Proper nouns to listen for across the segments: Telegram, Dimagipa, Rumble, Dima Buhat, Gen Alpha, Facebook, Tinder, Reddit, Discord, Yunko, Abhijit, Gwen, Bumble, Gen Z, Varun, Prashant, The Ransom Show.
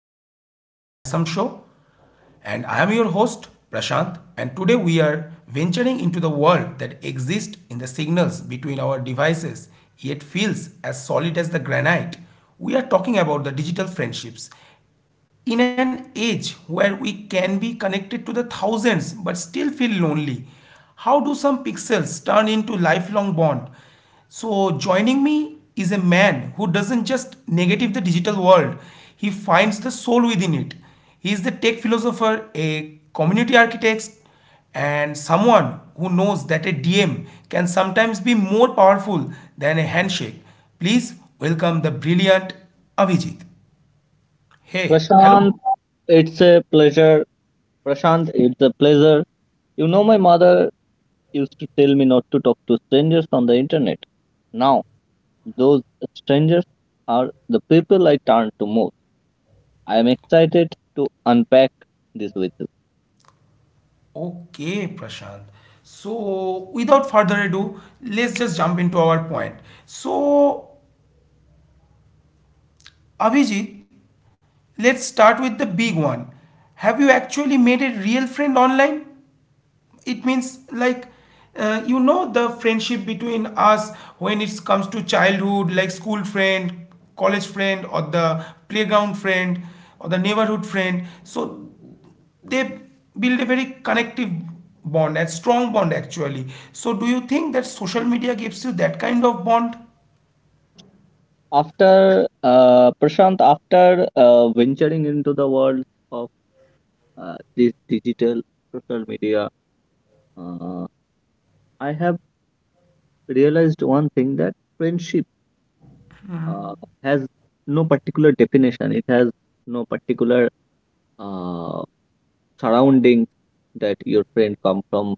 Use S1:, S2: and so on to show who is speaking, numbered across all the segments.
S1: to the show, The Ransom Show, and I am your host, Prashant. And today we are venturing into the world that exists in the signals between our devices, yet feels as solid as the granite. We are talking about the digital friendships in an age where we can be connected to the thousands but still feel lonely, how do some pixels turn into lifelong bond? So joining me is a man who doesn't just negative the digital world, he finds the soul within it. He is the tech philosopher, a community architect, and someone who knows that a DM can sometimes be more powerful than a handshake. Please welcome the brilliant Abhijit. Hey,
S2: Prashant,
S1: hello.
S2: it's a pleasure. Prashant, it's a pleasure. You know, my mother used to tell me not to talk to strangers on the internet. Now, those strangers are the people I turn to most. I am excited to unpack this with you.
S1: Okay, Prashant. So, without further ado, let's just jump into our point. So, Abhijit, let's start with the big one. Have you actually made a real friend online? It means like you know the friendship between us when it comes to childhood, like school friend, college friend, or the playground friend, or the neighborhood friend. So they build a very connective bond, a strong bond actually. So do you think that social media gives you that kind of bond?
S2: After Prashant, after venturing into the world of this digital social media, uh, I have realized one thing that friendship uh, has no particular definition. It has no particular uh, surrounding that your friend come from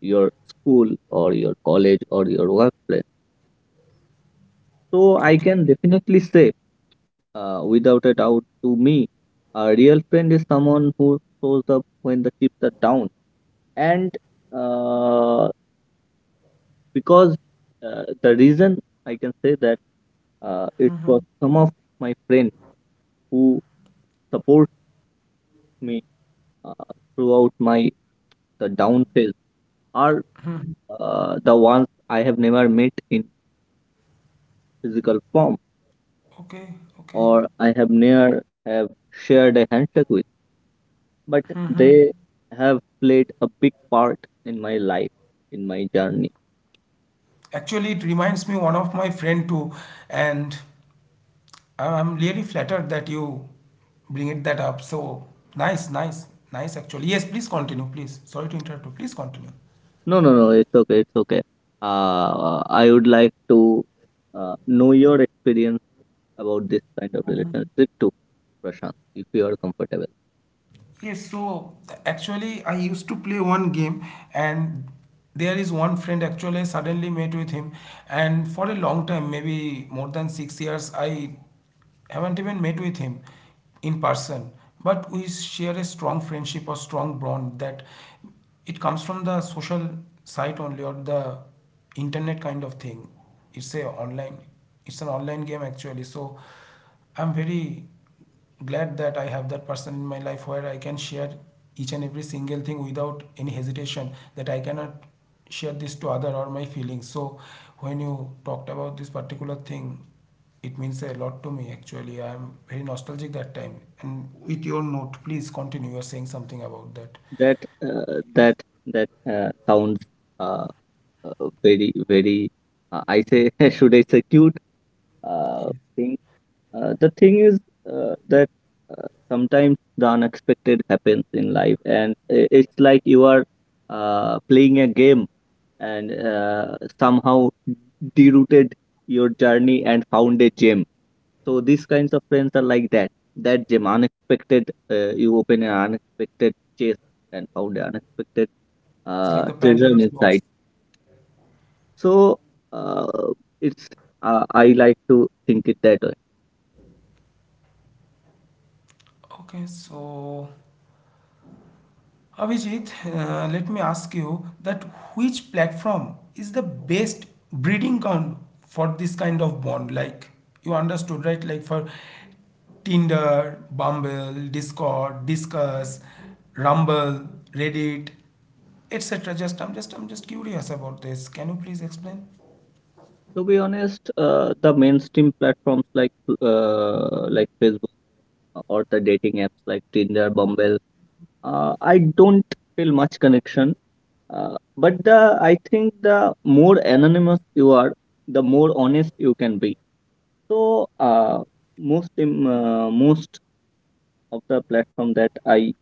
S2: your school or your college or your workplace. So I can
S1: Okay,
S2: definitely say, without a doubt, to me, a real friend is someone who shows up when the chips are down. And uh, because the reason I can say that it was some of my friends who support me uh, throughout my the down phase are the ones I have never met in physical form
S1: okay,
S2: or
S1: okay.
S2: I have never have shared a handshake with, but they have played a big part in my life, in my journey.
S1: Actually, it reminds me one of my friend too, and I'm really flattered that you bring it that up, so nice, nice, nice. Actually, yes, please continue, please, sorry to interrupt you, please continue.
S2: No, no, no, it's okay, it's okay. I would like to know your experience about this kind of relationship too, Prashant, if you are comfortable.
S1: Yes, so actually, I used to play one game, and there is one friend actually I suddenly met with him, and for a long time, maybe more than 6 years, I haven't even met with him in person. But we share a strong friendship or strong bond that it comes from the social site only or the internet kind of thing. It's a online, it's an online game actually. So I'm very glad that I have that person in my life where I can share each and every single thing without any hesitation that I cannot share this to other or my feelings. So when you talked about this particular thing, it means a lot to me actually. I am very nostalgic that time. And with your note, please continue. You are saying something about that.
S2: that uh, that that sounds uh, very very. I say should I say cute uh, thing. The thing is that sometimes the unexpected happens in life, and it's like you are playing a game and somehow derouted your journey and found a gem. So these kinds of friends are like that, that gem unexpected. You open an unexpected chest and found the unexpected
S1: It's like the Pandora's
S2: treasure
S1: box.
S2: inside. So uh, it's I like to think it that way.
S1: Okay, so Abhijit, let me ask you that which platform is the best breeding ground for this kind of bond? Like, you understood, right? Like for Tinder, Bumble, Discord, Discuss, Rumble, Reddit, etc. Just, I'm just curious about this. Can you please explain?
S2: To be honest, the mainstream platforms like Facebook or the dating apps like Tinder, Bumble, I don't feel much connection. But the I think the more anonymous you are, the more honest you can be. So most of the platform that I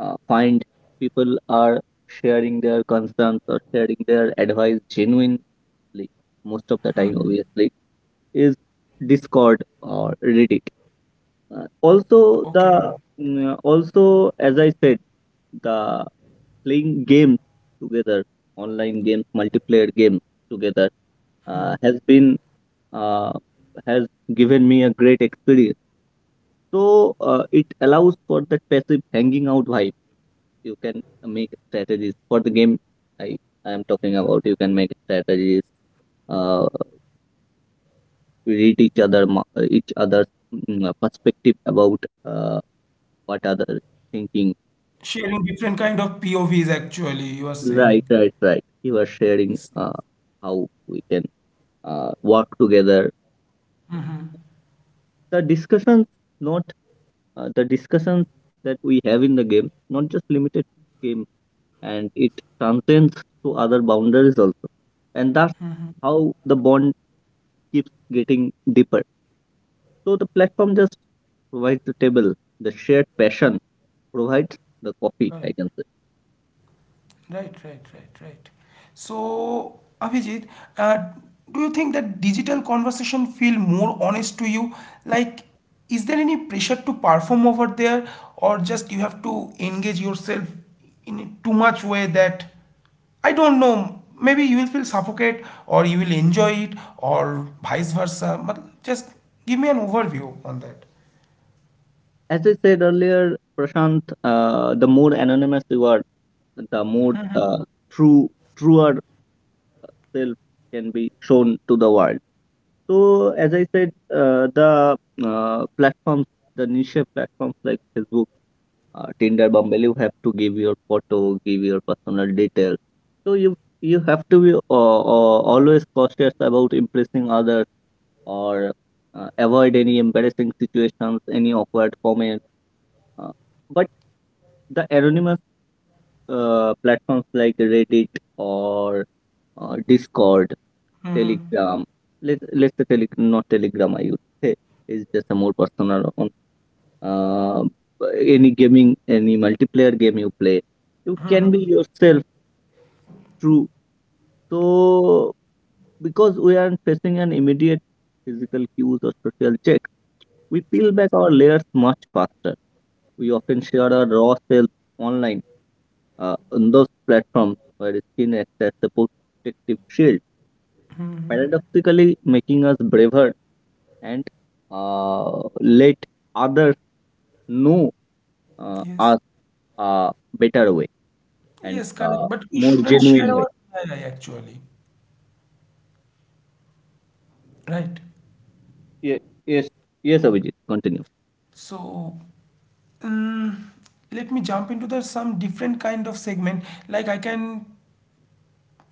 S2: find people are sharing their concerns or sharing their advice genuinely most of the time obviously is Discord or Reddit. Uh, also the
S1: Okay.
S2: also, as I said, the playing games together, online games, multiplayer games together uh, has been uh, has given me a great experience. So it allows for that passive hanging out vibe. You can make strategies for the game. I i am talking about you can make strategies, uh, read each other's perspective about uh, what other thinking.
S1: Sharing different kind of POVs actually, you are saying.
S2: Right, right, right. You are sharing uh, how we can work together, the discussions, not the discussions that we have in the game, not just limited to game, and it transcends to other boundaries also. And that's how the bond keeps getting deeper. So the platform just provides the table, the shared passion provides the coffee,
S1: Correct.
S2: I can say.
S1: Right, right, right, right. So, Abhijit, uh, do you think that digital conversation feel more honest to you? Like, is there any pressure to perform over there, or just you have to engage yourself in a too much way that I don't know. Maybe you will feel suffocate, or you will enjoy it, or vice versa. But just give me an overview on that.
S2: As I said earlier, Prashant, the more anonymous you are, the more true, truer uh, self can be shown to the world. So, as I said, the platforms, the niche platforms like Facebook, Tinder, Bumble, you have to give your photo, give your personal details. So you have to be always cautious about impressing others, or avoid any embarrassing situations, any awkward comments. Uh, but the anonymous platforms like Reddit, or Discord, Telegram. Let's say, not Telegram, I would say, is just a more personal one. Uh, any gaming, any multiplayer game you play, you can be yourself. True. So, because we aren't facing an immediate physical cues or social check, we peel back our layers much faster. We often share our raw self online, on those platforms, where skin acts as a protective shield, paradoxically making us braver, and let others know
S1: Yes,
S2: us a better way, and
S1: yes, correct.
S2: uh,
S1: But we
S2: more
S1: shouldn't share
S2: genuine way.
S1: our AI actually, right?
S2: Ye- Yes, yes, Abhijit, continue.
S1: So Mm, let me jump into the some different kind of segment like I can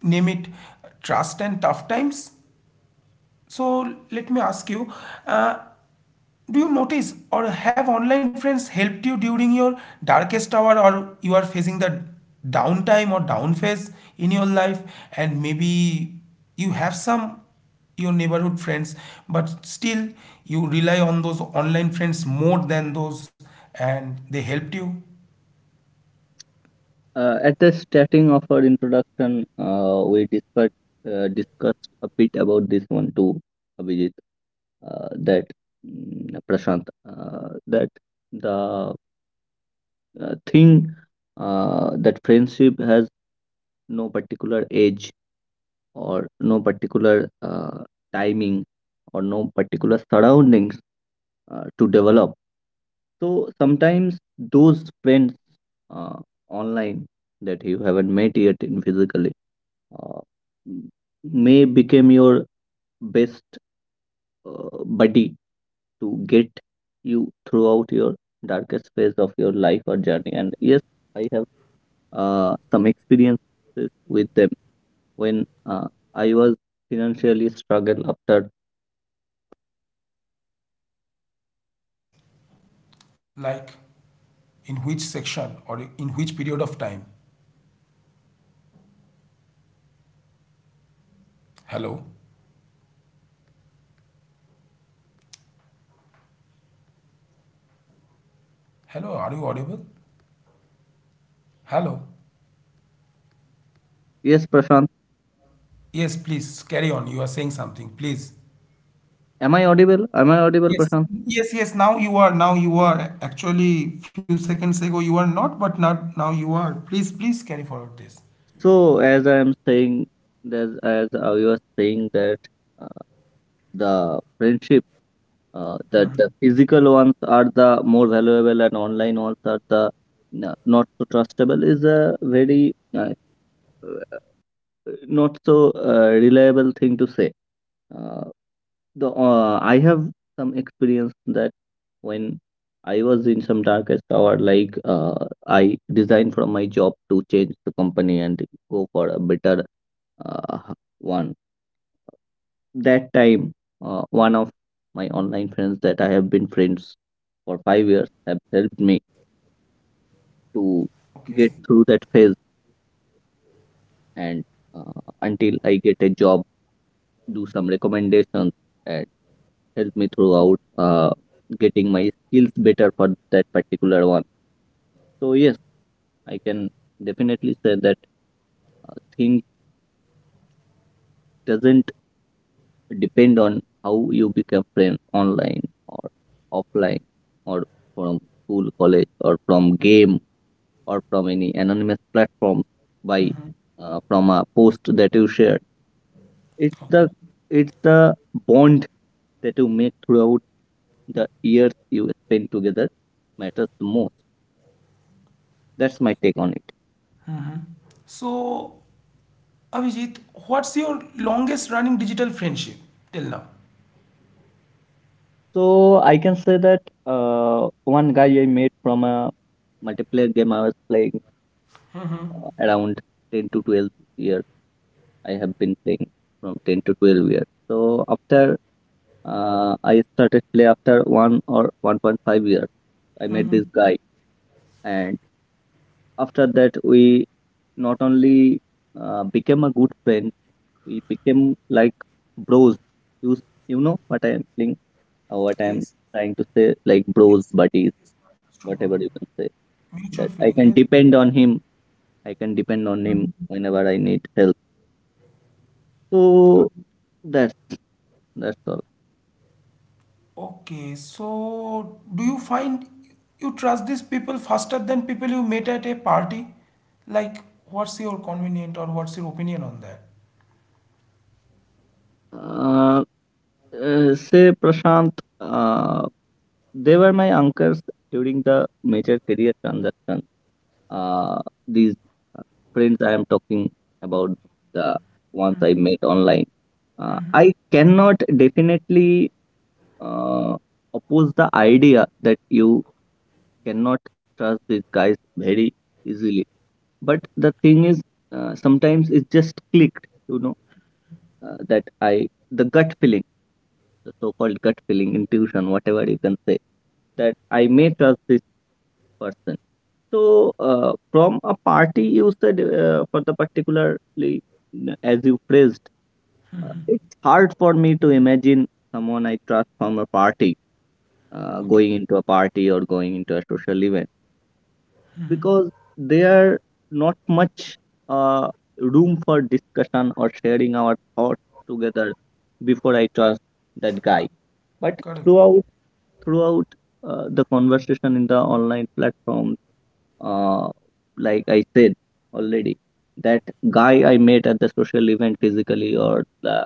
S1: name it trust and tough times. So let me ask you, uh, do you notice or have online friends helped you during your darkest hour, or you are facing the downtime or down phase in your life, and maybe you have some your neighborhood friends, but still you rely on those online friends more than those, and they helped you
S2: At the starting of our introduction, we discussed a bit about this one too, Abhijit, uh, that Prashant, that the thing that friendship has no particular age or no particular timing or no particular surroundings to develop. So sometimes those friends uh, online that you haven't met yet in physically, uh, m- may become your best buddy to get you throughout your darkest phase of your life or journey. And yes, I have some experiences with them when I was financially struggle after.
S1: like. In which section or in which period of time? Hello? Hello, are you audible? Hello?
S2: Yes, Prashant.
S1: Yes, please carry on. You are saying something, please.
S2: Am I audible? Am I audible,
S1: Yes,
S2: Prashant?
S1: yes, yes. Now you are. Now you are. Actually, few seconds ago you were not, but not now you are. Please, please carry forward this.
S2: So, as I am saying, as I was saying that uh, the friendship, that the physical ones are the more valuable and online ones are the not so trustable is a very not so reliable thing to say. Uh, The I have some experience that when I was in some darkest hour, like I resigned from my job to change the company and go for a better uh, one. That time, one of my online friends that I have been friends for 5 years have helped me to
S1: Okay.
S2: get through that phase, and uh, until I get a job, do some recommendations, and help me throughout getting my skills better for that particular one. So yes, I can definitely say that thing doesn't depend on how you become friends online or offline or from school, college, or from game, or from any anonymous platform, by from a post that you share. It's
S1: Okay.
S2: the bond that you make throughout the years you spend together matters the most. That's my take on it.
S1: So, Abhijit, what's your longest running digital friendship till now?
S2: So I can say that one guy I met from a multiplayer game I was playing around 10 to 12 years. I have been playing from 10 to 12 years. So, after I started play after one or 1.5 years, I met this guy, and after that, we not only became a good friend, we became like bros. You, you know what I am saying, what I am
S1: Yes.
S2: trying to say, like bros,
S1: Yes. Yes.
S2: buddies,
S1: Yes. Understood, Varun.
S2: whatever you can say.
S1: Mutual
S2: That
S1: feeling.
S2: I
S1: Yes,
S2: can
S1: bro.
S2: depend on him. I can depend on him whenever I need help. So that's that's all.
S1: Okay, so do you find you trust these people faster than people you met at a party? Like, what's your convenient or what's your opinion on that?
S2: Uh, Say Prashant, uh, they were my anchors during the major career transaction. Uh, these uh, friends I am talking about, the ones I met online. I cannot definitely uh, oppose the idea that you cannot trust these guys very easily. But the thing is, sometimes it just clicked. You know, that I the gut feeling, the so-called gut feeling, intuition, whatever you can say, that I may trust this person. So, from a party, you said, for the particularly as you phrased, it's hard for me to imagine someone I trust from a party
S1: Okay,
S2: going into a party or going into a social event, because there are not much uh, room for discussion or sharing our thoughts together before I trust that guy. But
S1: correct.
S2: throughout the conversation in the online platform, uh, like I said already, that guy I met at the social event physically, or the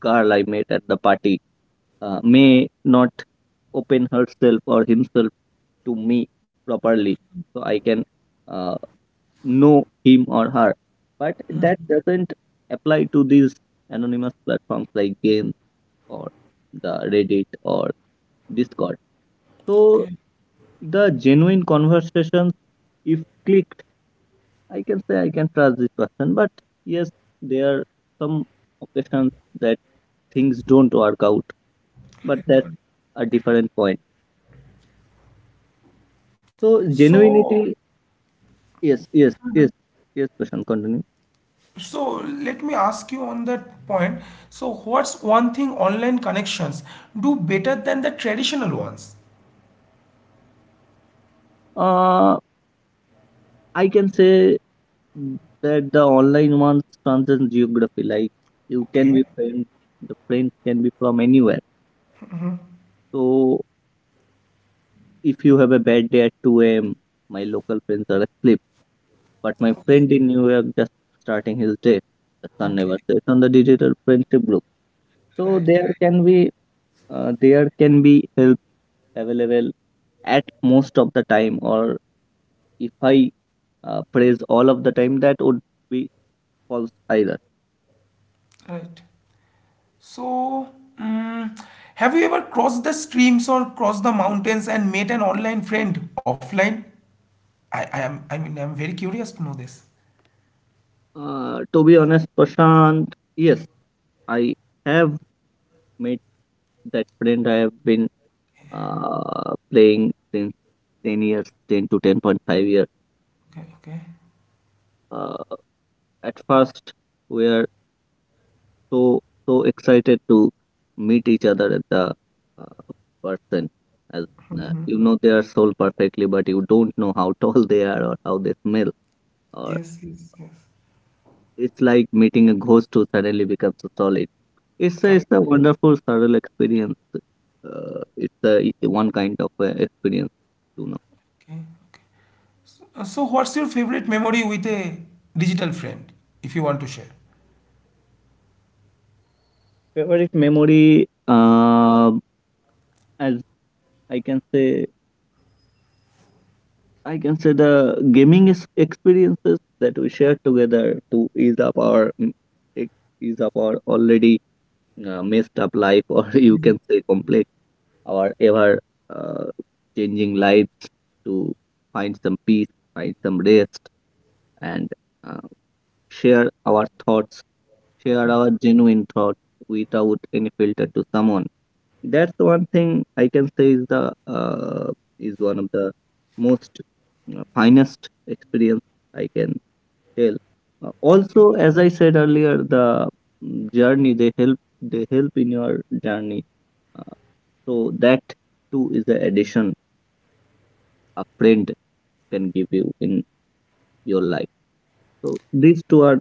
S2: girl I met at the party may not open herself or himself to me properly, so I can. Uh, know him or her. But that doesn't apply to these anonymous platforms like games, or the Reddit or Discord. So
S1: Okay,
S2: the genuine conversations, if clicked, I can say I can trust this person. But yes, there are some occasions that things don't work out. But that's
S1: correct.
S2: a different point. So,
S1: So,
S2: genuinity, yes, yes, yes, yes. Question continue.
S1: so, let me ask you on that point. So, what's one thing online connections do better than the traditional ones?
S2: Uh I can say, that the online ones transcend geography. Like, you can be
S1: Okay,
S2: friends, the friends can be from anywhere. So if you have a bad day at 2 a.m., my local friends are asleep. But my
S1: okay,
S2: friend in New York just starting his day. The sun never
S1: okay,
S2: sets on the digital friendship group. So
S1: right,
S2: there can be help available at most of the time. Or if I praise all of the time, that would be false either.
S1: right, right. So, mm, have you ever crossed the streams or crossed the mountains and made an online friend offline? I am, I mean, I'm very curious to know this.
S2: To be honest, Prashant, yes, I have met that friend I have been playing since 10 years, 10 to 10.5 years.
S1: Okay, okay.
S2: Uh, at first, we are so, so excited to meet each other at the uh, person. As you know their soul perfectly, but you don't know how tall they are or how they smell, or
S1: Yes, yes, yes.
S2: it's like meeting a ghost who suddenly becomes solid.
S1: Correct.
S2: It's a wonderful, surreal experience. It's one kind of experience, you know.
S1: Okay, okay. So, what's your favorite memory with a digital friend, if you want to share?
S2: Favorite memory, as I can say, I can say the gaming is experiences that we share together to ease up our ex- ease up our already messed up life, or you can say complex our ever uh, changing lives to find some peace, find some rest, and uh, share our thoughts, share our genuine thoughts without any filter to someone. That's the one thing I can say is the is one of the most finest experience I can tell. Also, as I said earlier, the journey they help in your journey. Uh, so that too is the addition a friend can give you in your life. So these two are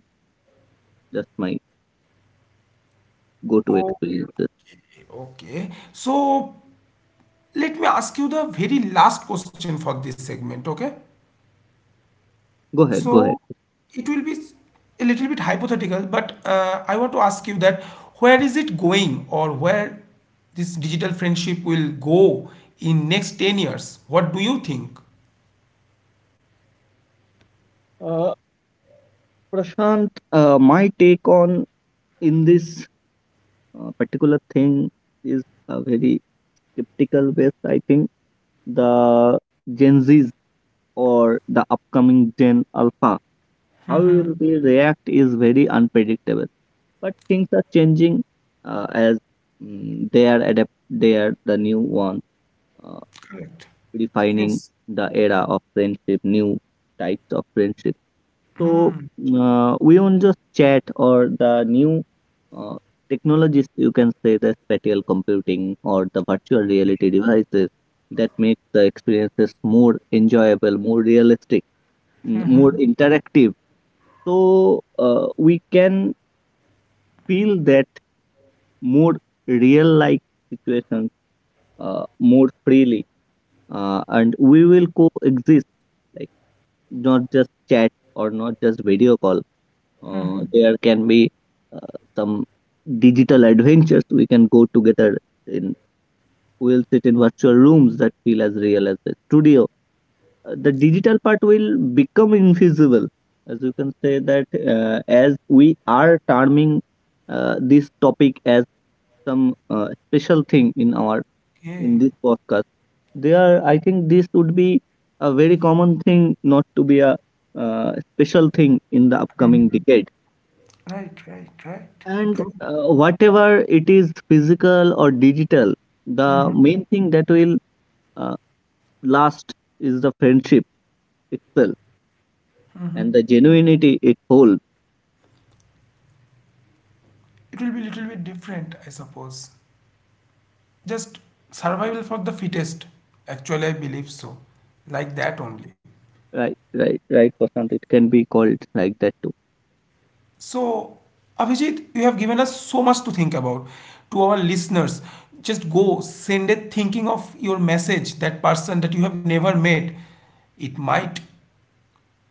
S2: just my go to
S1: Okay,
S2: experiences.
S1: okay. So, let me ask you the very last question for this segment, okay?
S2: Go ahead, go
S1: So
S2: ahead.
S1: it will be a little bit hypothetical, but I want to ask you that where is it going or where this digital friendship will go in next 10 years? What do you think?
S2: Uh, Prashant, my take on in this particular thing is a very skeptical based. I think the Gen Zs or the upcoming Gen Alpha, how will they react is very unpredictable. But things are changing as they are adapt. They are the new one. uh,
S1: Correct.
S2: Redefining
S1: Yes.
S2: the era of friendship, new types of friendship. So we won't just chat, or the new uh, technologies, you can say the spatial computing or the virtual reality devices that make the experiences more enjoyable, more realistic, more interactive. So we can feel that more real like situations more freely, and we will coexist like, not just chat or not just video call. There can be uh, some digital adventures we can go together in. We'll sit in virtual rooms that feel as real as the studio. The digital part will become invisible, as you can say, that as we are terming this topic as some special thing in our, in
S1: Yeah.
S2: this podcast, they are, I think this would be a very common thing, not to be a special thing in the upcoming decade.
S1: Right, right, right.
S2: And
S1: True.
S2: whatever it is physical or digital, the main thing that will uh, last is the friendship itself and the genuinity it holds.
S1: It will be a little bit different, I suppose. Just survival for the fittest. Actually, I believe so. Like that only.
S2: Right, right, right, Prashant. It can be called like that too.
S1: So, Abhijit, you have given us so much to think about. To our listeners, just go send it thinking of your message, that person that you have never met. It might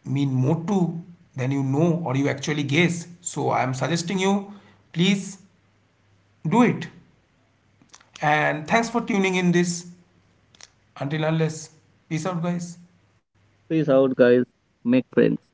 S1: mean more to than you know or you actually guess. So, I am suggesting you, please do it. And thanks for tuning in this. Until unless, peace out, guys.
S2: Peace out, guys. Make friends.